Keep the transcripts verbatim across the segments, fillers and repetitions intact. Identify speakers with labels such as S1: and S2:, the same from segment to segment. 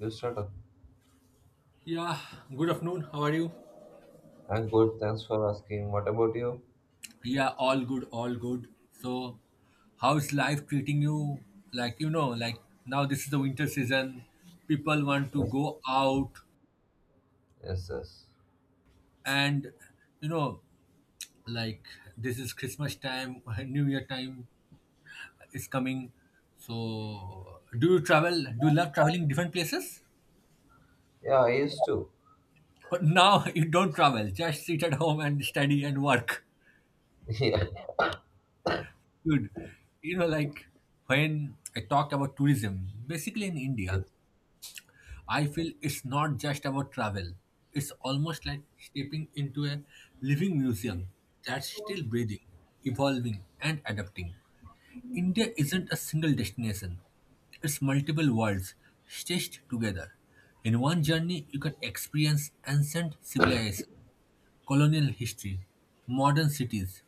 S1: You started.
S2: Yeah, good afternoon. How are you?
S1: I'm good. Thanks for asking. What about you?
S2: Yeah, all good, all good. So, how is life treating you? Like, you know, like now this is the winter season, people want to
S1: Yes,
S2: go out,
S1: yes, yes.
S2: and you know, like this is Christmas time, New Year time is coming. So, do you travel? Do you love traveling different places?
S1: Yeah, I used to.
S2: But now you don't travel, just sit at home and study and work.
S1: Yeah,
S2: Good. You know, like when I talk about tourism, basically in
S1: yes,
S2: India, I feel it's not just about travel. It's almost like stepping into a living museum that's still breathing, evolving, and adapting. India isn't a single destination, it's multiple worlds stitched together. In one journey, you can experience ancient civilization, colonial history, modern cities,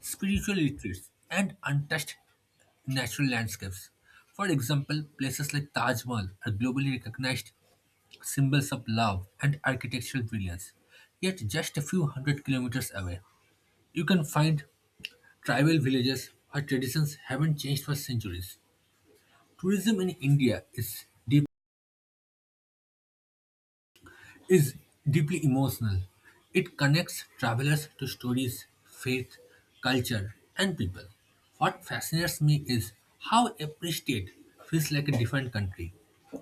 S2: spiritual retreats, and untouched natural landscapes. For example, places like Taj Mahal are globally recognized symbols of love and architectural brilliance. Yet, just a few hundred kilometers away, you can find tribal villages where traditions haven't changed for centuries. Tourism in India is is deeply emotional. It connects travelers to stories, faith, culture, and people. What fascinates me is how every state feels like a different country,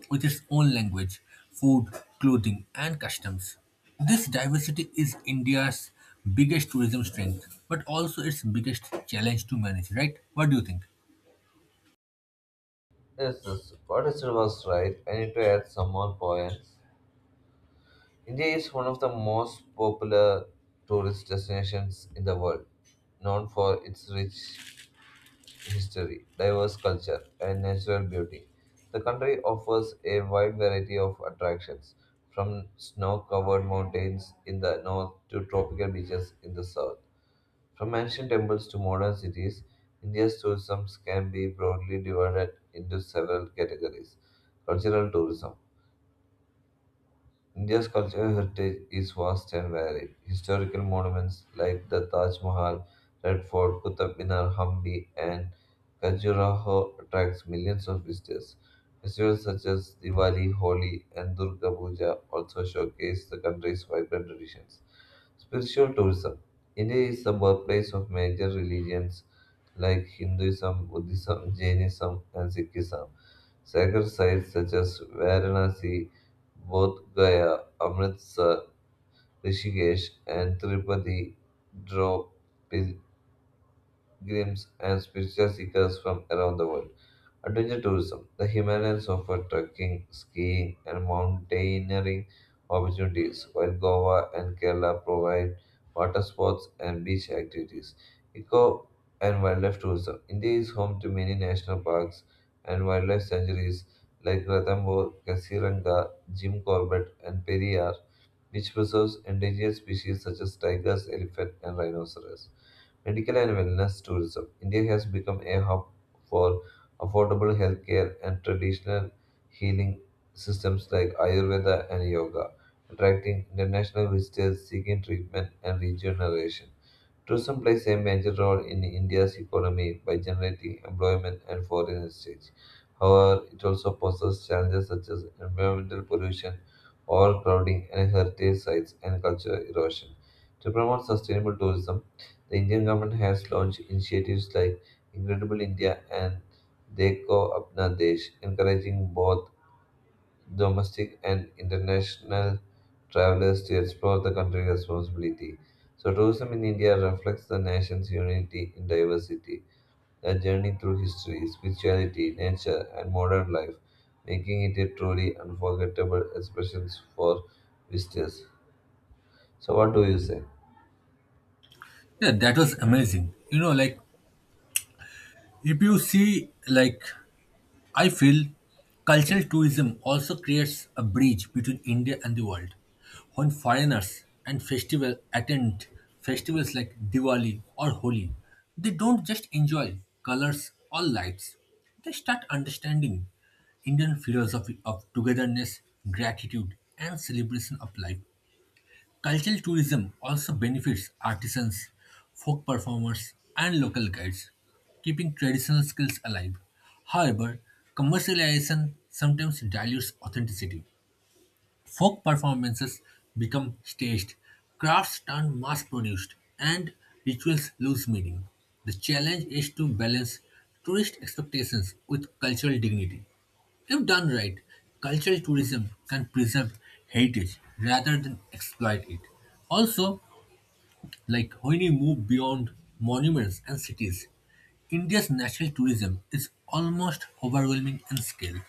S2: with its own language, food, clothing, and customs. This diversity is India's biggest tourism strength, but also its biggest challenge to manage, right? What do you think?
S1: yes. Yes. What I was right. I need to add some more points. India is one of the most popular tourist destinations in the world, known for its rich history, diverse culture, and natural beauty. The country offers a wide variety of attractions, from snow covered mountains in the north to tropical beaches in the south. From ancient temples to modern cities, India's tourism can be broadly divided into several categories. Cultural tourism. India's cultural heritage is vast and varied. Historical monuments like the Taj Mahal, Red Fort, Qutub Minar, Hampi, and Khajuraho attracts millions of visitors. Festivals such as Diwali, Holi, and Durga Puja also showcase the country's vibrant traditions. Spiritual tourism. India is the birthplace of major religions like Hinduism, Buddhism, Jainism, and Sikhism. Sacred sites such as Varanasi both Gaya, Amritsar, Rishikesh, and Tirupati draw pilgrims and spiritual seekers from around the world. Adventure tourism. The Himalayas offer trekking, skiing, and mountaineering opportunities, while Goa and Kerala provide water sports and beach activities. Eco and wildlife tourism. India is home to many national parks and wildlife sanctuaries like Ranthambore, Kasiranga, Jim Corbett, and Periyar which preserves endangered species such as tigers, elephant, and rhinoceros. Medical and wellness tourism. India has become a hub for affordable healthcare and traditional healing systems like Ayurveda and yoga, attracting international visitors seeking treatment and regeneration. Tourism plays a major role in India's economy by generating employment and foreign exchange. However, it also poses challenges such as environmental pollution, overcrowding, and heritage sites and cultural erosion. To promote sustainable tourism, the Indian government has launched initiatives like Incredible India and Dekho Apna Desh, encouraging both domestic and international travelers to explore the country responsibly. So, tourism in India reflects the nation's unity in diversity, a journey through history, spirituality, nature, and modern life, making it a truly unforgettable experience for visitors. So, what do you say?
S2: Yeah, that was amazing. You know, like if you see like I feel cultural tourism also creates a bridge between India and the world. When foreigners and festival attend festivals like Diwali or Holi, they don't just enjoy colors or lights. They start understanding Indian philosophy of togetherness, gratitude, and celebration of life. Cultural tourism also benefits artisans, folk performers, and local guides, keeping traditional skills alive. However, commercialization sometimes dilutes authenticity. Folk performances become staged, crafts turn mass produced, and rituals lose meaning. The challenge is to balance tourist expectations with cultural dignity. If done right, cultural tourism can preserve heritage rather than exploit it. Also, like when you move beyond monuments and cities, India's natural tourism is almost overwhelming in scale.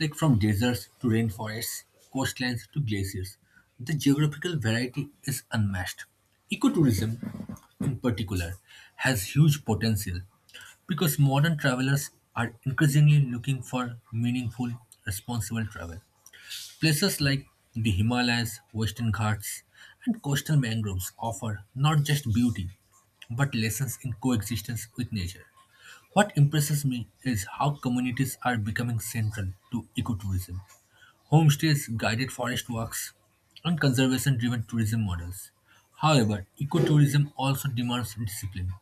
S2: Like from deserts to rainforests, coastlines to glaciers, the geographical variety is unmatched. Ecotourism, in particular, has huge potential because modern travelers are increasingly looking for meaningful, responsible travel. Places like the Himalayas, Western Ghats, and coastal mangroves offer not just beauty, but lessons in coexistence with nature. What impresses me is how communities are becoming central to ecotourism. Homestays, guided forest walks, and conservation driven tourism models. However, ecotourism also demands discipline.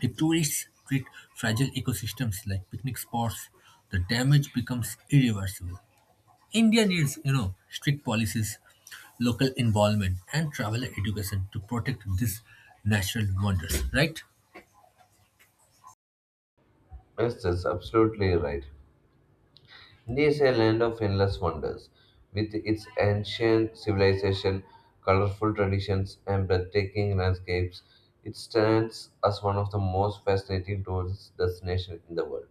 S2: If tourists treat fragile ecosystems like picnic spots, the damage becomes irreversible. India needs, you know, strict policies, local involvement, and traveler education to protect these natural wonders, right?
S1: Yes, that's absolutely right. India is a land of endless wonders, with its ancient civilization, colorful traditions, and breathtaking landscapes. It stands as one of the most fascinating tourist destinations in the world.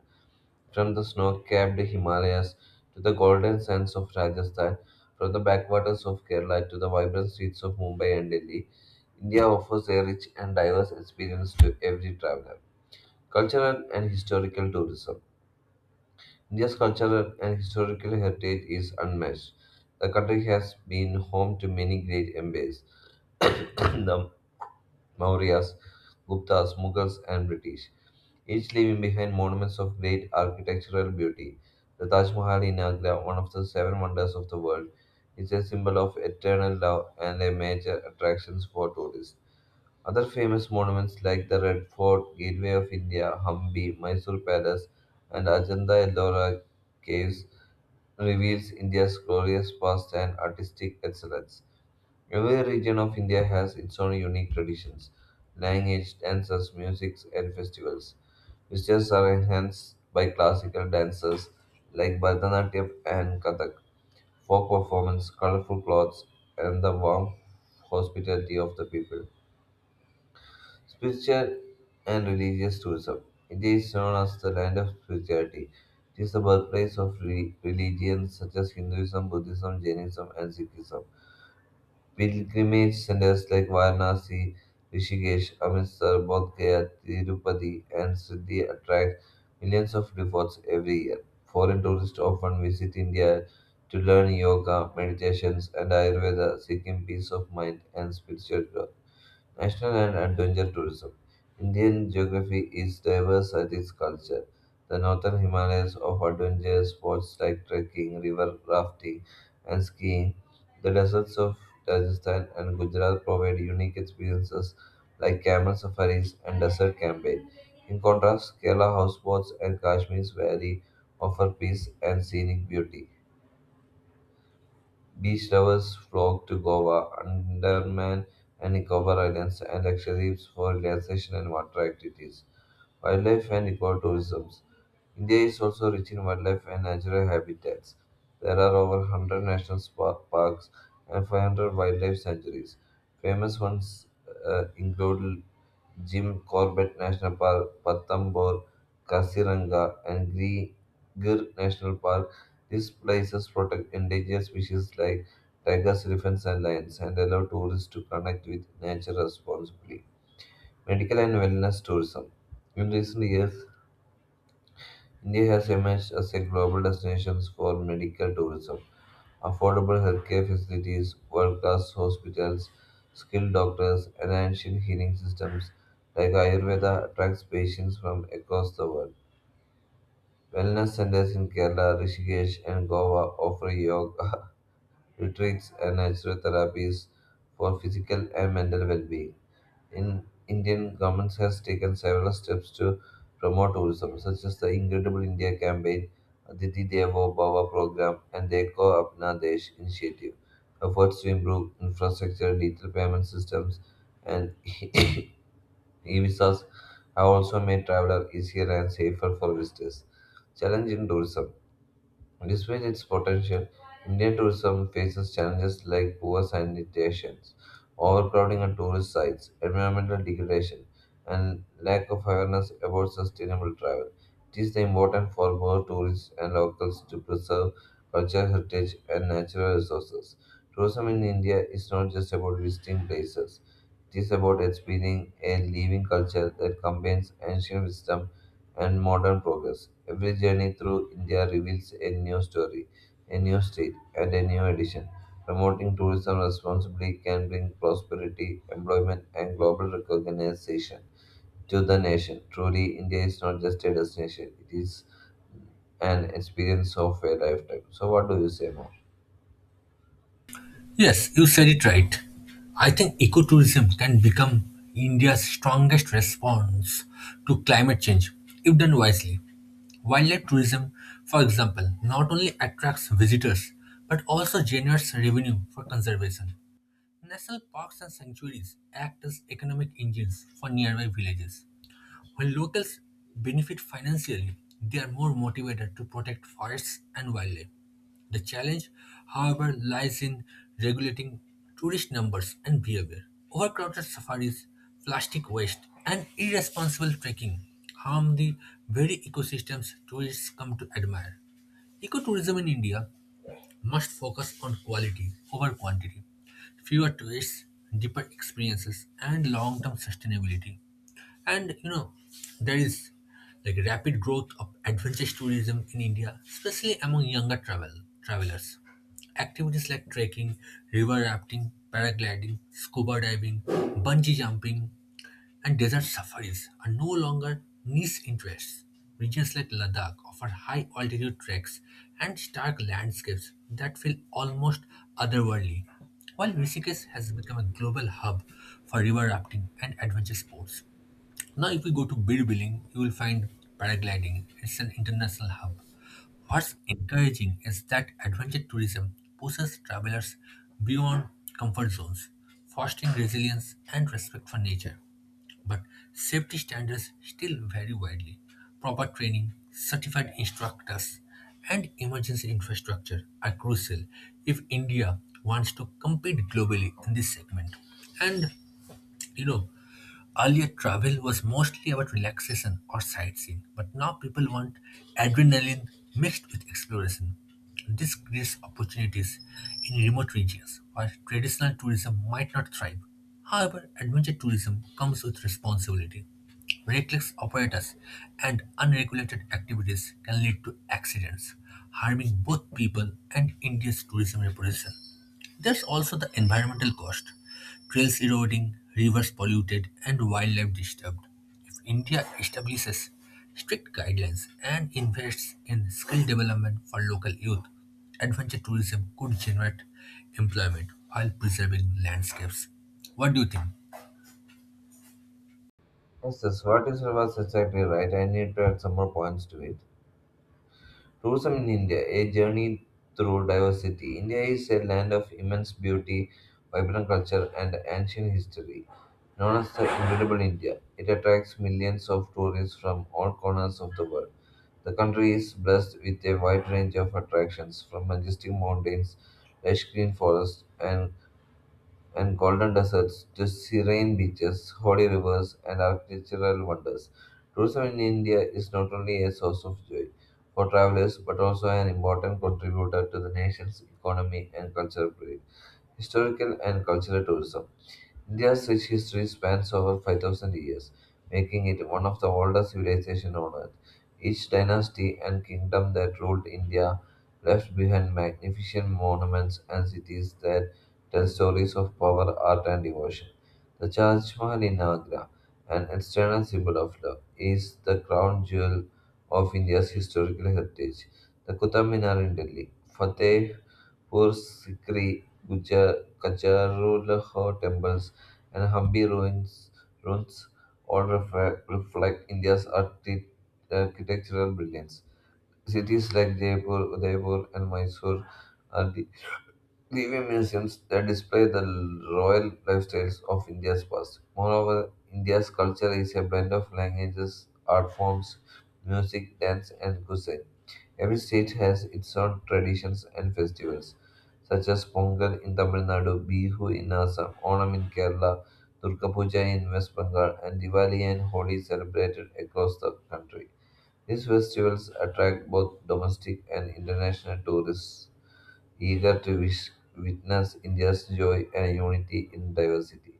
S1: From the snow-capped Himalayas to the golden sands of Rajasthan, from the backwaters of Kerala to the vibrant streets of Mumbai and Delhi, India offers a rich and diverse experience to every traveler. Cultural and historical tourism. India's cultural and historical heritage is unmatched. The country has been home to many great empires, the Mauryas, Guptas, Mughals, and British, each leaving behind monuments of great architectural beauty. The Taj Mahal in Agra, one of the seven wonders of the world, is a symbol of eternal love and a major attraction for tourists. Other famous monuments like the Red Fort, Gateway of India, Hampi, Mysore Palace, and Ajanta Ellora caves reveals India's glorious past and artistic excellence. Every region of India has its own unique traditions, language, dances, music, and festivals. Visitors are enhanced by classical dances like Bharatanatyam and Kathak, folk performance, colorful clothes, and the warm hospitality of the people. Spiritual and religious tourism. India is known as the land of spirituality. It is the birthplace of re- religions such as Hinduism, Buddhism, Jainism, and Sikhism. Pilgrimage centers like Varanasi, Rishikesh, Amritsar, Bodh Gaya, Tirupati, and Siddhi attract millions of devotees every year. Foreign tourists often visit India to learn yoga, meditations, and Ayurveda, seeking peace of mind and spiritual growth. National and adventure tourism. Indian geography is diverse at its culture. The northern Himalayas offer adventure sports like trekking, river rafting, and skiing. The deserts of Rajasthan and Gujarat provide unique experiences like camel safaris and desert camping. In contrast, Kerala houseboats and Kashmir's valley offer peace and scenic beauty. Beach lovers flock to Goa, Andaman and Nicobar Islands, and Lakshadweep for relaxation and water activities. Wildlife and ecotourism. India is also rich in wildlife and natural habitats. There are over one hundred national spa- parks and five hundred wildlife sanctuaries. Famous ones uh, include Jim Corbett National Park, Patambur, Kasiranga, and Gri- Gir National Park these places protect endangered species like tigers, elephants, and lions, and allow tourists to connect with nature responsibly. Medical and wellness tourism. In recent years, India has emerged as a global destination for medical tourism. Affordable healthcare facilities, world class hospitals, skilled doctors, and ancient healing systems like Ayurveda attracts patients from across the world. Wellness centers in Kerala, Rishikesh, and Goa offer yoga retreats, and natural therapies for physical and mental well-being. In Indian government has taken several steps to promote tourism, such as the Incredible India campaign, Aditi Devo Bhava program, and Deko Apna Desh initiative. Efforts to improve infrastructure, digital payment systems, and e-visas have also made travel easier and safer for visitors. Challenge in tourism. Despite its potential, Indian tourism faces challenges like poor sanitation, overcrowding on tourist sites, environmental degradation, and lack of awareness about sustainable travel. It is important for both tourists and locals to preserve cultural heritage and natural resources. Tourism in India is not just about visiting places. It is about experiencing a living culture that combines ancient wisdom and modern progress. Every journey through India reveals a new story, a new state, and a new edition. Promoting tourism responsibly can bring prosperity, employment, and global recognition to the nation. Truly, India is not just a destination, it is an experience of a lifetime. So, what do you say more?
S2: Yes, you said it right. I think ecotourism can become India's strongest response to climate change if done wisely. Wildlife tourism, for example, not only attracts visitors but also generates revenue for conservation. National parks and sanctuaries act as economic engines for nearby villages. When locals benefit financially, they are more motivated to protect forests and wildlife. The challenge, however, lies in regulating tourist numbers and behavior. Overcrowded safaris, plastic waste, and irresponsible trekking harm the very ecosystems tourists come to admire. Ecotourism in India must focus on quality over quantity, fewer tourists, deeper experiences, and long term sustainability. And you know, there is like rapid growth of adventure tourism in India, especially among younger travel travelers. Activities like trekking, river rafting, paragliding, scuba diving, bungee jumping, and desert safaris are no longer niche interests. Regions like Ladakh offer high altitude treks and stark landscapes that feel almost otherworldly, while Rishikesh has become a global hub for river rafting and adventure sports. Now, if we go to Birbiling, you will find paragliding. It's an international hub. What's encouraging is that adventure tourism pushes travelers beyond comfort zones, fostering resilience and respect for nature. But safety standards still vary widely. Proper training, certified instructors, and emergency infrastructure are crucial if India wants to compete globally in this segment. And you know, earlier travel was mostly about relaxation or sightseeing, but now people want adrenaline mixed with exploration. This creates opportunities in remote regions where traditional tourism might not thrive. However, adventure tourism comes with responsibility. Reckless operators and unregulated activities can lead to accidents, harming both people and India's tourism reputation. There's also the environmental cost trails eroding, rivers polluted, and wildlife disturbed. If India establishes strict guidelines and invests in skill development for local youth, adventure tourism could generate employment while preserving landscapes. What do you think?
S1: Yes, yes, what is was exactly right. I need to add some more points to it. Tourism in India, a journey through diversity. India is a land of immense beauty, vibrant culture, and ancient history. Known as the Incredible India, it attracts millions of tourists from all corners of the world. The country is blessed with a wide range of attractions, from majestic mountains, lush green forests, and and golden deserts to serene beaches, holy rivers, and architectural wonders. Tourism in India is not only a source of joy for travelers but also an important contributor to the nation's economy and cultural pride. Historical and cultural tourism. India's rich history spans over five thousand years, making it one of the oldest civilizations on earth. Each dynasty and kingdom that ruled India left behind magnificent monuments and cities that tell stories of power, art, and devotion. The Taj Mahal in Agra, an external symbol of love, is the crown jewel of India's historical heritage. The Qutub Minar in Delhi, Fatehpur Sikri, Gujar- Kacharulho temples and Hampi ruins, ruins all refer, reflect India's archi- architectural brilliance. Cities like Jaipur, Udaipur, and Mysore are living museums that display the royal lifestyles of India's past. Moreover, India's culture is a blend of languages, art forms, music, dance, and cuisine. Every state has its own traditions and festivals, such as Pongal in Tamil Nadu, Bihu in Assam, Onam in Kerala, Durga Puja in West Bengal, and Diwali and Holi celebrated across the country. These festivals attract both domestic and international tourists eager to wish, witness India's joy and unity in diversity.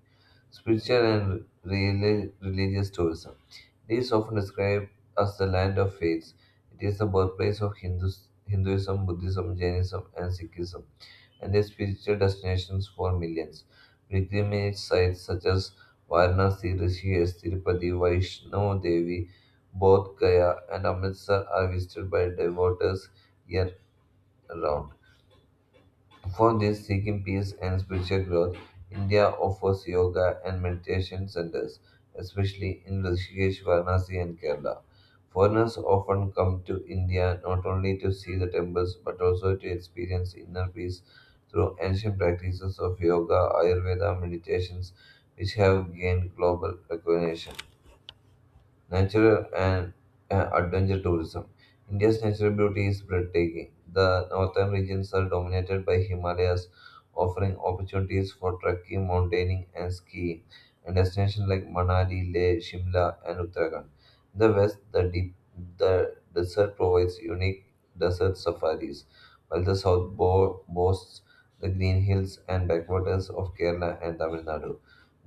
S1: Spiritual and reli- religious tourism. It is often described as the land of faith. It is the birthplace of Hindus, Hinduism, Buddhism, Jainism, and Sikhism, and is spiritual destinations for millions. Pilgrimage sites such as Varanasi, Rishikesh, Tirupati, Vaishno Devi, Bodh Gaya, and Amritsar are visited by devotees year round. For these seeking peace and spiritual growth, India offers yoga and meditation centers, especially in Rishikesh, Varanasi, and Kerala. Foreigners often come to India not only to see the temples but also to experience inner peace through ancient practices of yoga, Ayurveda, meditations, which have gained global recognition. Natural and uh, adventure tourism. India's natural beauty is breathtaking. The northern regions are dominated by Himalayas, offering opportunities for trekking, mountaineering, and skiing, and destinations like Manali, Leh, Shimla, and Uttarakhand. In the west, the deep the desert provides unique desert safaris, while the south bo- boasts the green hills and backwaters of Kerala and Tamil Nadu.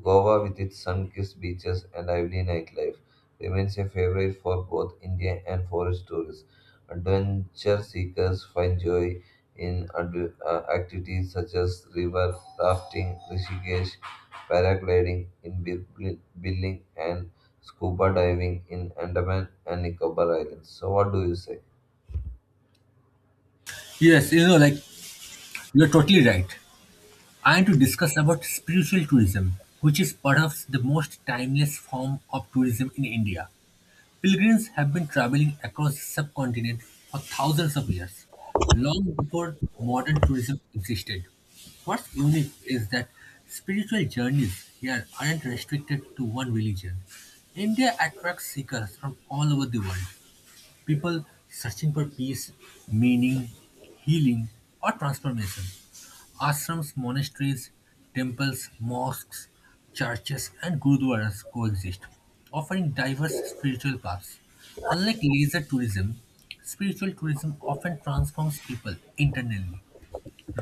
S1: Goa, with its sun kissed beaches and lively nightlife remains a favorite for both Indian and foreign tourists. Adventure seekers find joy in adve- uh, activities such as river rafting, Rishikesh, paragliding in Bil- Billing, and scuba diving in Andaman and Nicobar Islands. So, what do you say?
S2: Yes, you know, like you're totally right. I want to discuss about spiritual tourism, which is perhaps the most timeless form of tourism in India. Pilgrims have been traveling across the subcontinent for thousands of years, long before modern tourism existed. What's unique is that spiritual journeys here aren't restricted to one religion. India attracts seekers from all over the world, people searching for peace, meaning, healing, or transformation. Ashrams, monasteries, temples, mosques, churches, and gurdwaras coexist, offering diverse spiritual paths. Unlike leisure tourism, spiritual tourism often transforms people internally.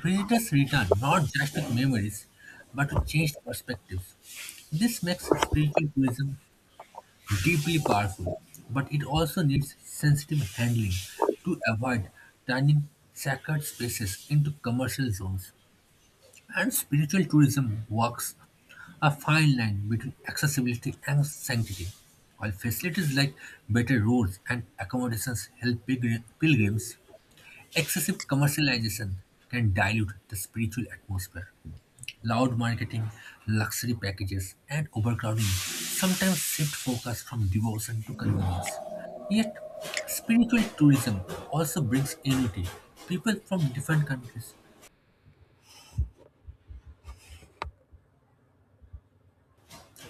S2: Visitors return not just with memories, but with changed perspectives. This makes spiritual tourism deeply powerful, but it also needs sensitive handling to avoid turning sacred spaces into commercial zones. And spiritual tourism walks a fine line between accessibility and sanctity. While facilities like better roads and accommodations help pilgri- pilgrims, excessive commercialization can dilute the spiritual atmosphere. Loud marketing, luxury packages, and overcrowding sometimes shift focus from devotion to convenience. Yet, spiritual tourism also brings unity. People from different countries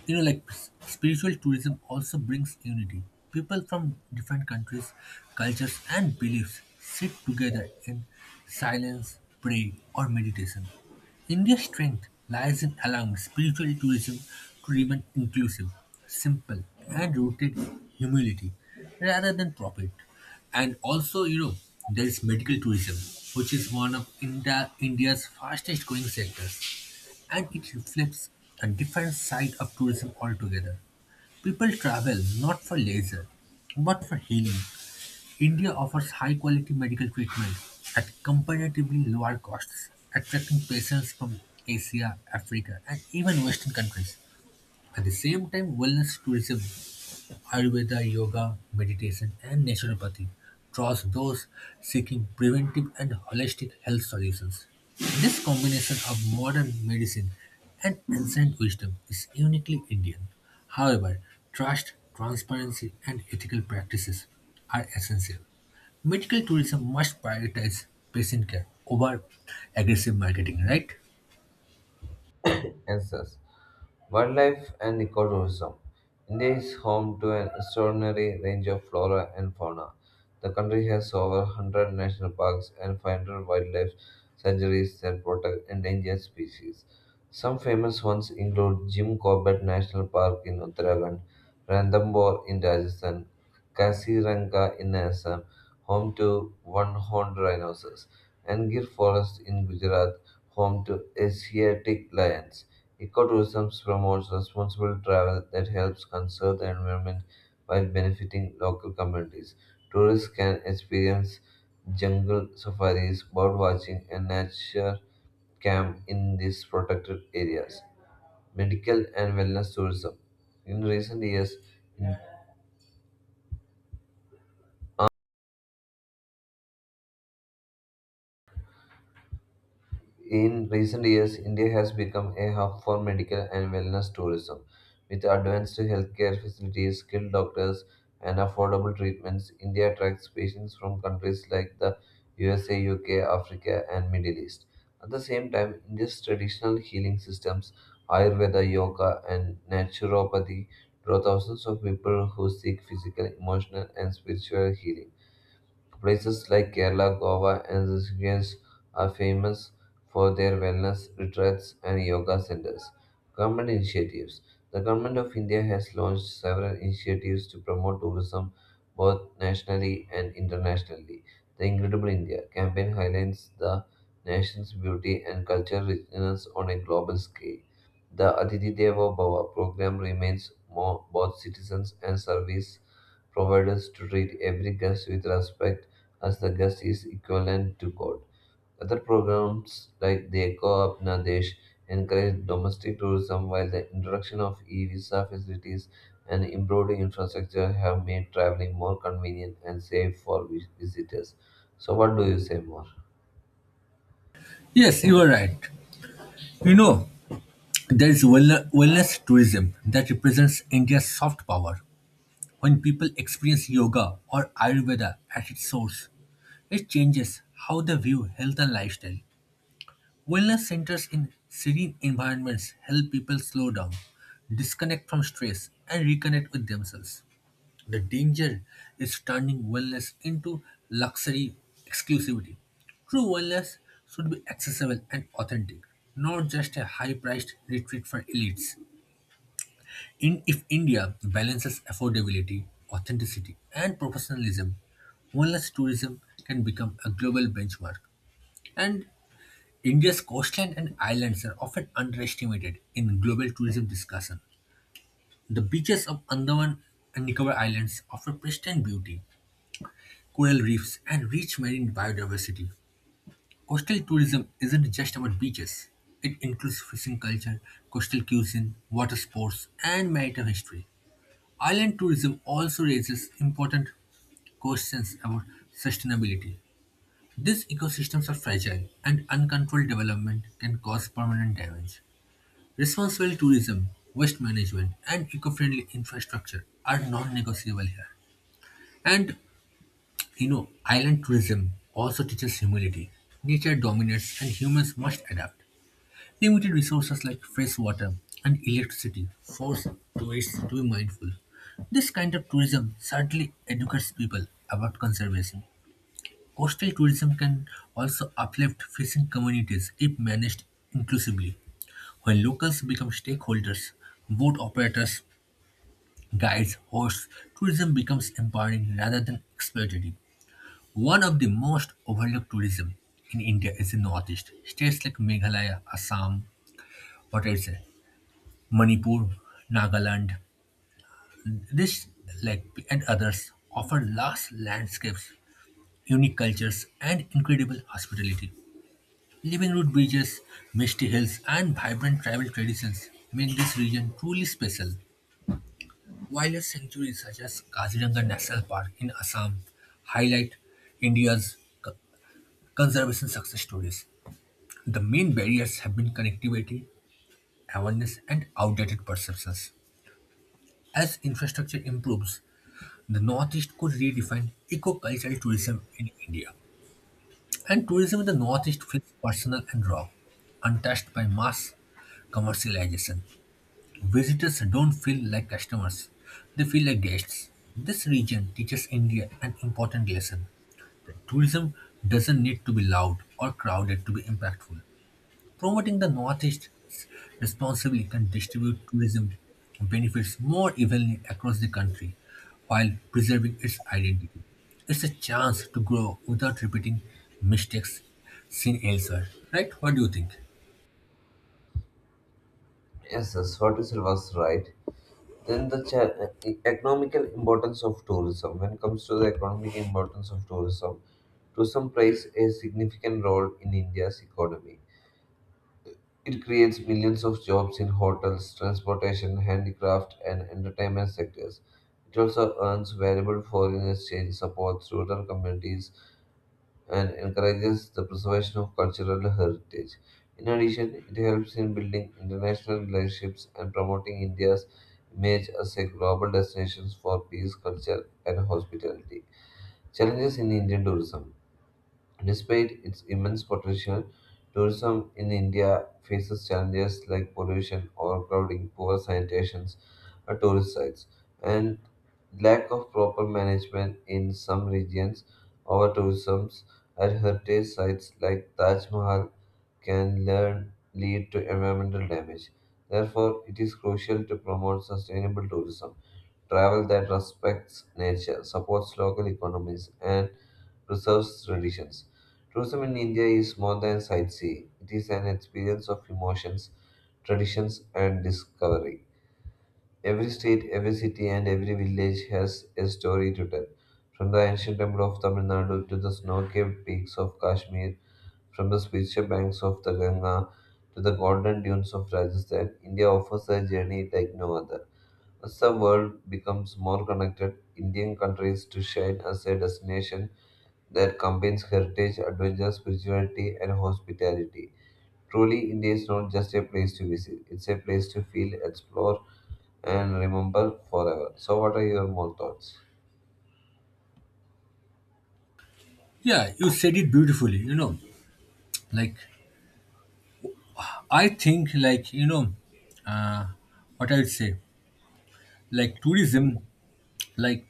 S2: You know, like s- spiritual tourism also brings unity. People from different countries, cultures, and beliefs sit together in silence, prayer, or meditation. India's strength lies in allowing spiritual tourism to remain inclusive, simple, and rooted in humility rather than profit. And also, you know, there is medical tourism, which is one of India, India's fastest growing sectors. And it reflects a different side of tourism altogether. People travel not for leisure, but for healing. India offers high quality medical treatment at comparatively lower costs, attracting patients from Asia, Africa, and even Western countries. At the same time, wellness tourism Ayurveda, yoga, meditation, and naturopathy draws those seeking preventive and holistic health solutions. This combination of modern medicine and ancient wisdom is uniquely Indian. However, trust, transparency, and ethical practices are essential. Medical tourism must prioritize patient care over aggressive marketing, right?
S1: Answers. Wildlife and ecotourism. India is home to an extraordinary range of flora and fauna. The country has over one hundred national parks and five hundred wildlife sanctuaries that protect endangered species. Some famous ones include Jim Corbett National Park in Uttarakhand, Ranthambore in Rajasthan, Kasiranga in Assam, home to one-horned rhinoceros, and Gir Forest in Gujarat, home to Asiatic lions. Ecotourism promotes responsible travel that helps conserve the environment while benefiting local communities. Tourists can experience jungle safaris, bird watching, and nature camp in these protected areas. Medical and wellness tourism. In recent years, In recent years, India has become a hub for medical and wellness tourism. With advanced healthcare facilities, skilled doctors, and affordable treatments, India attracts patients from countries like the U S A, U K, Africa, and Middle East. At the same time, India's traditional healing systems, Ayurveda, yoga, and naturopathy, draw thousands of people who seek physical, emotional, and spiritual healing. Places like Kerala, Goa, and Rishikesh are famous for their wellness retreats and yoga centers. Government initiatives. The government of India has launched several initiatives to promote tourism both nationally and internationally. The Incredible India campaign highlights the nation's beauty and cultural richness on a global scale. The Athithi Devo Bhava program remains reminds both citizens and service providers to treat every guest with respect as the guest is equivalent to God. Other programs like Deko Apna Desh encourage domestic tourism while the introduction of e-visa facilities and improved infrastructure have made traveling more convenient and safe for vi- visitors. So what do you say more?
S2: Yes, you are right. You know, there is wellne- wellness tourism that represents India's soft power. When people experience yoga or Ayurveda at its source, it changes how they view health and lifestyle. Wellness centers in serene environments help people slow down, disconnect from stress, and reconnect with themselves. The danger is turning wellness into luxury exclusivity. True wellness should be accessible and authentic, not just a high priced retreat for elites. In, if India balances affordability, authenticity, and professionalism, wellness tourism can become a global benchmark. And India's coastline and islands are often underestimated in global tourism discussion. The beaches of Andaman and Nicobar Islands offer pristine beauty, coral reefs, and rich marine biodiversity. Coastal tourism isn't just about beaches. It includes fishing culture, coastal cuisine, water sports, and maritime history. Island tourism also raises important questions about sustainability. These ecosystems are fragile, and uncontrolled development can cause permanent damage. Responsible tourism, waste management, and eco friendly infrastructure are non negotiable here. And you know, island tourism also teaches humility. Nature dominates, and humans must adapt. Limited resources like fresh water and electricity force tourists to be mindful. This kind of tourism certainly educates people about conservation. Coastal tourism can also uplift fishing communities if managed inclusively. When locals become stakeholders, boat operators, guides, hosts, tourism becomes empowering rather than exploitative. One of the most overlooked tourism in India is the northeast. States like Meghalaya, Assam, what I say, Manipur, Nagaland, this like and others offer lush landscapes, unique cultures, and incredible hospitality. Living root beaches, misty hills, and vibrant tribal traditions make this region truly special. Wildlife sanctuaries such as Kaziranga National Park in Assam highlight India's co- conservation success stories. The main barriers have been connectivity, awareness, and outdated perceptions. As infrastructure improves, the Northeast could redefine eco-cultural tourism in India. And tourism in the Northeast feels personal and raw, untouched by mass commercialization. Visitors don't feel like customers, they feel like guests. This region teaches India an important lesson. That tourism doesn't need to be loud or crowded to be impactful. Promoting the Northeast responsibly can distribute tourism benefits more evenly across the country while preserving its identity. It's a chance to grow without repeating mistakes seen elsewhere, right? What do you think?
S1: Yes, yes, what you said was right. Then the cha- e- economical importance of tourism. When it comes to the economic importance of tourism, tourism plays a significant role in India's economy. It creates millions of jobs in hotels, transportation, handicraft, and entertainment sectors. It also earns valuable foreign exchange support through rural communities and encourages the preservation of cultural heritage. In addition, it helps in building international relationships and promoting India's image as a global destination for peace, culture, and hospitality. Challenges in Indian tourism. Despite its immense potential, tourism in India faces challenges like pollution, overcrowding, poor sanitation at tourist sites, and lack of proper management in some regions. Over tourism at heritage sites like Taj Mahal can learn, lead to environmental damage. Therefore, it is crucial to promote sustainable tourism, travel that respects nature, supports local economies, and preserves traditions. Tourism in India is more than sightseeing, it is an experience of emotions, traditions, and discovery. Every state, every city, and every village has a story to tell. From the ancient temple of Tamil Nadu to the snow capped peaks of Kashmir, from the spiritual banks of the Ganga to the golden dunes of Rajasthan, India offers a journey like no other. As the world becomes more connected, Indian countries to shine as a destination that combines heritage, adventure, spirituality, and hospitality. Truly, India is not just a place to visit, it's a place to feel, explore, and remember forever. So, what are your more thoughts?
S2: Yeah, you said it beautifully, you know. Like, I think, like, you know, uh, what I would say, like, tourism, like,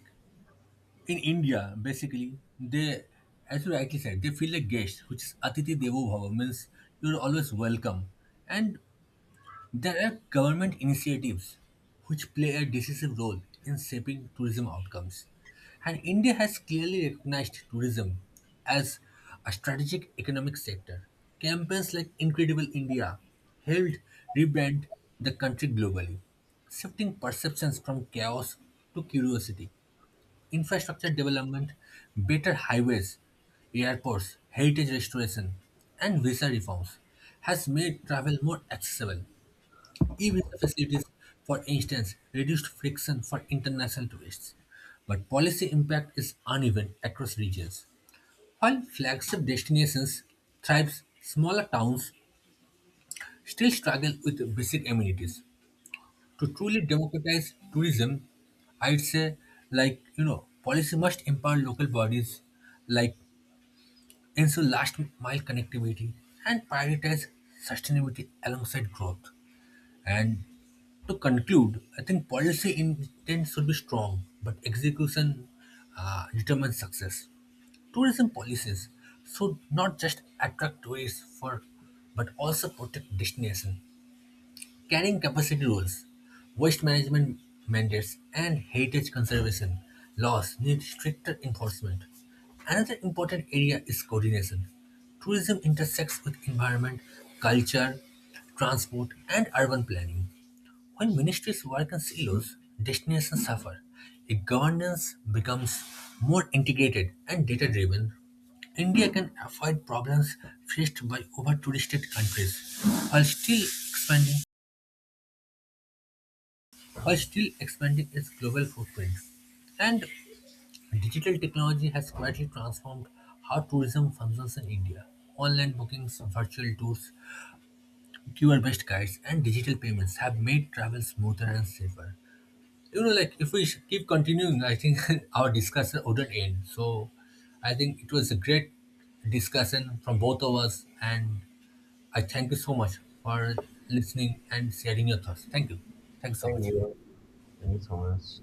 S2: in India, basically, they, as you rightly said, they feel like guests, which is Atiti Devo Bhava, means you're always welcome. And there are government initiatives which play a decisive role in shaping tourism outcomes. And India has clearly recognized tourism as a strategic economic sector. Campaigns like Incredible India helped rebrand the country globally, shifting perceptions from chaos to curiosity infrastructure development, better highways, airports, heritage restoration, and visa reforms has made travel more accessible. E-visa facilities, for instance, reduced friction for international tourists. But policy impact is uneven across regions. While flagship destinations thrive, smaller towns still struggle with basic amenities to truly democratize tourism, I'd say, like, you know, policy must empower local bodies, like ensure last mile connectivity and prioritize sustainability alongside growth. And to conclude, I think policy intent should be strong, but execution uh, determines success. Tourism policies should not just attract tourists for, but also protect destination carrying capacity rules, waste management mandates, and heritage conservation laws need stricter enforcement. Another important area is coordination. Tourism intersects with environment, culture, transport, and urban planning. When ministries work in silos, destinations suffer. If governance becomes more integrated and data driven, India can avoid problems faced by over touristed countries while still expanding while still expanding its global footprint. And digital technology has quietly transformed how tourism functions in India. Online bookings, virtual tours, Q R-based guides, and digital payments have made travel smoother and safer. You know, like if we sh- keep continuing, I think our discussion wouldn't end. So, I think it was a great discussion from both of us, and I thank you so much for listening and sharing your thoughts. Thank you. Thanks so
S1: Thank
S2: much.
S1: you. Thank you so much.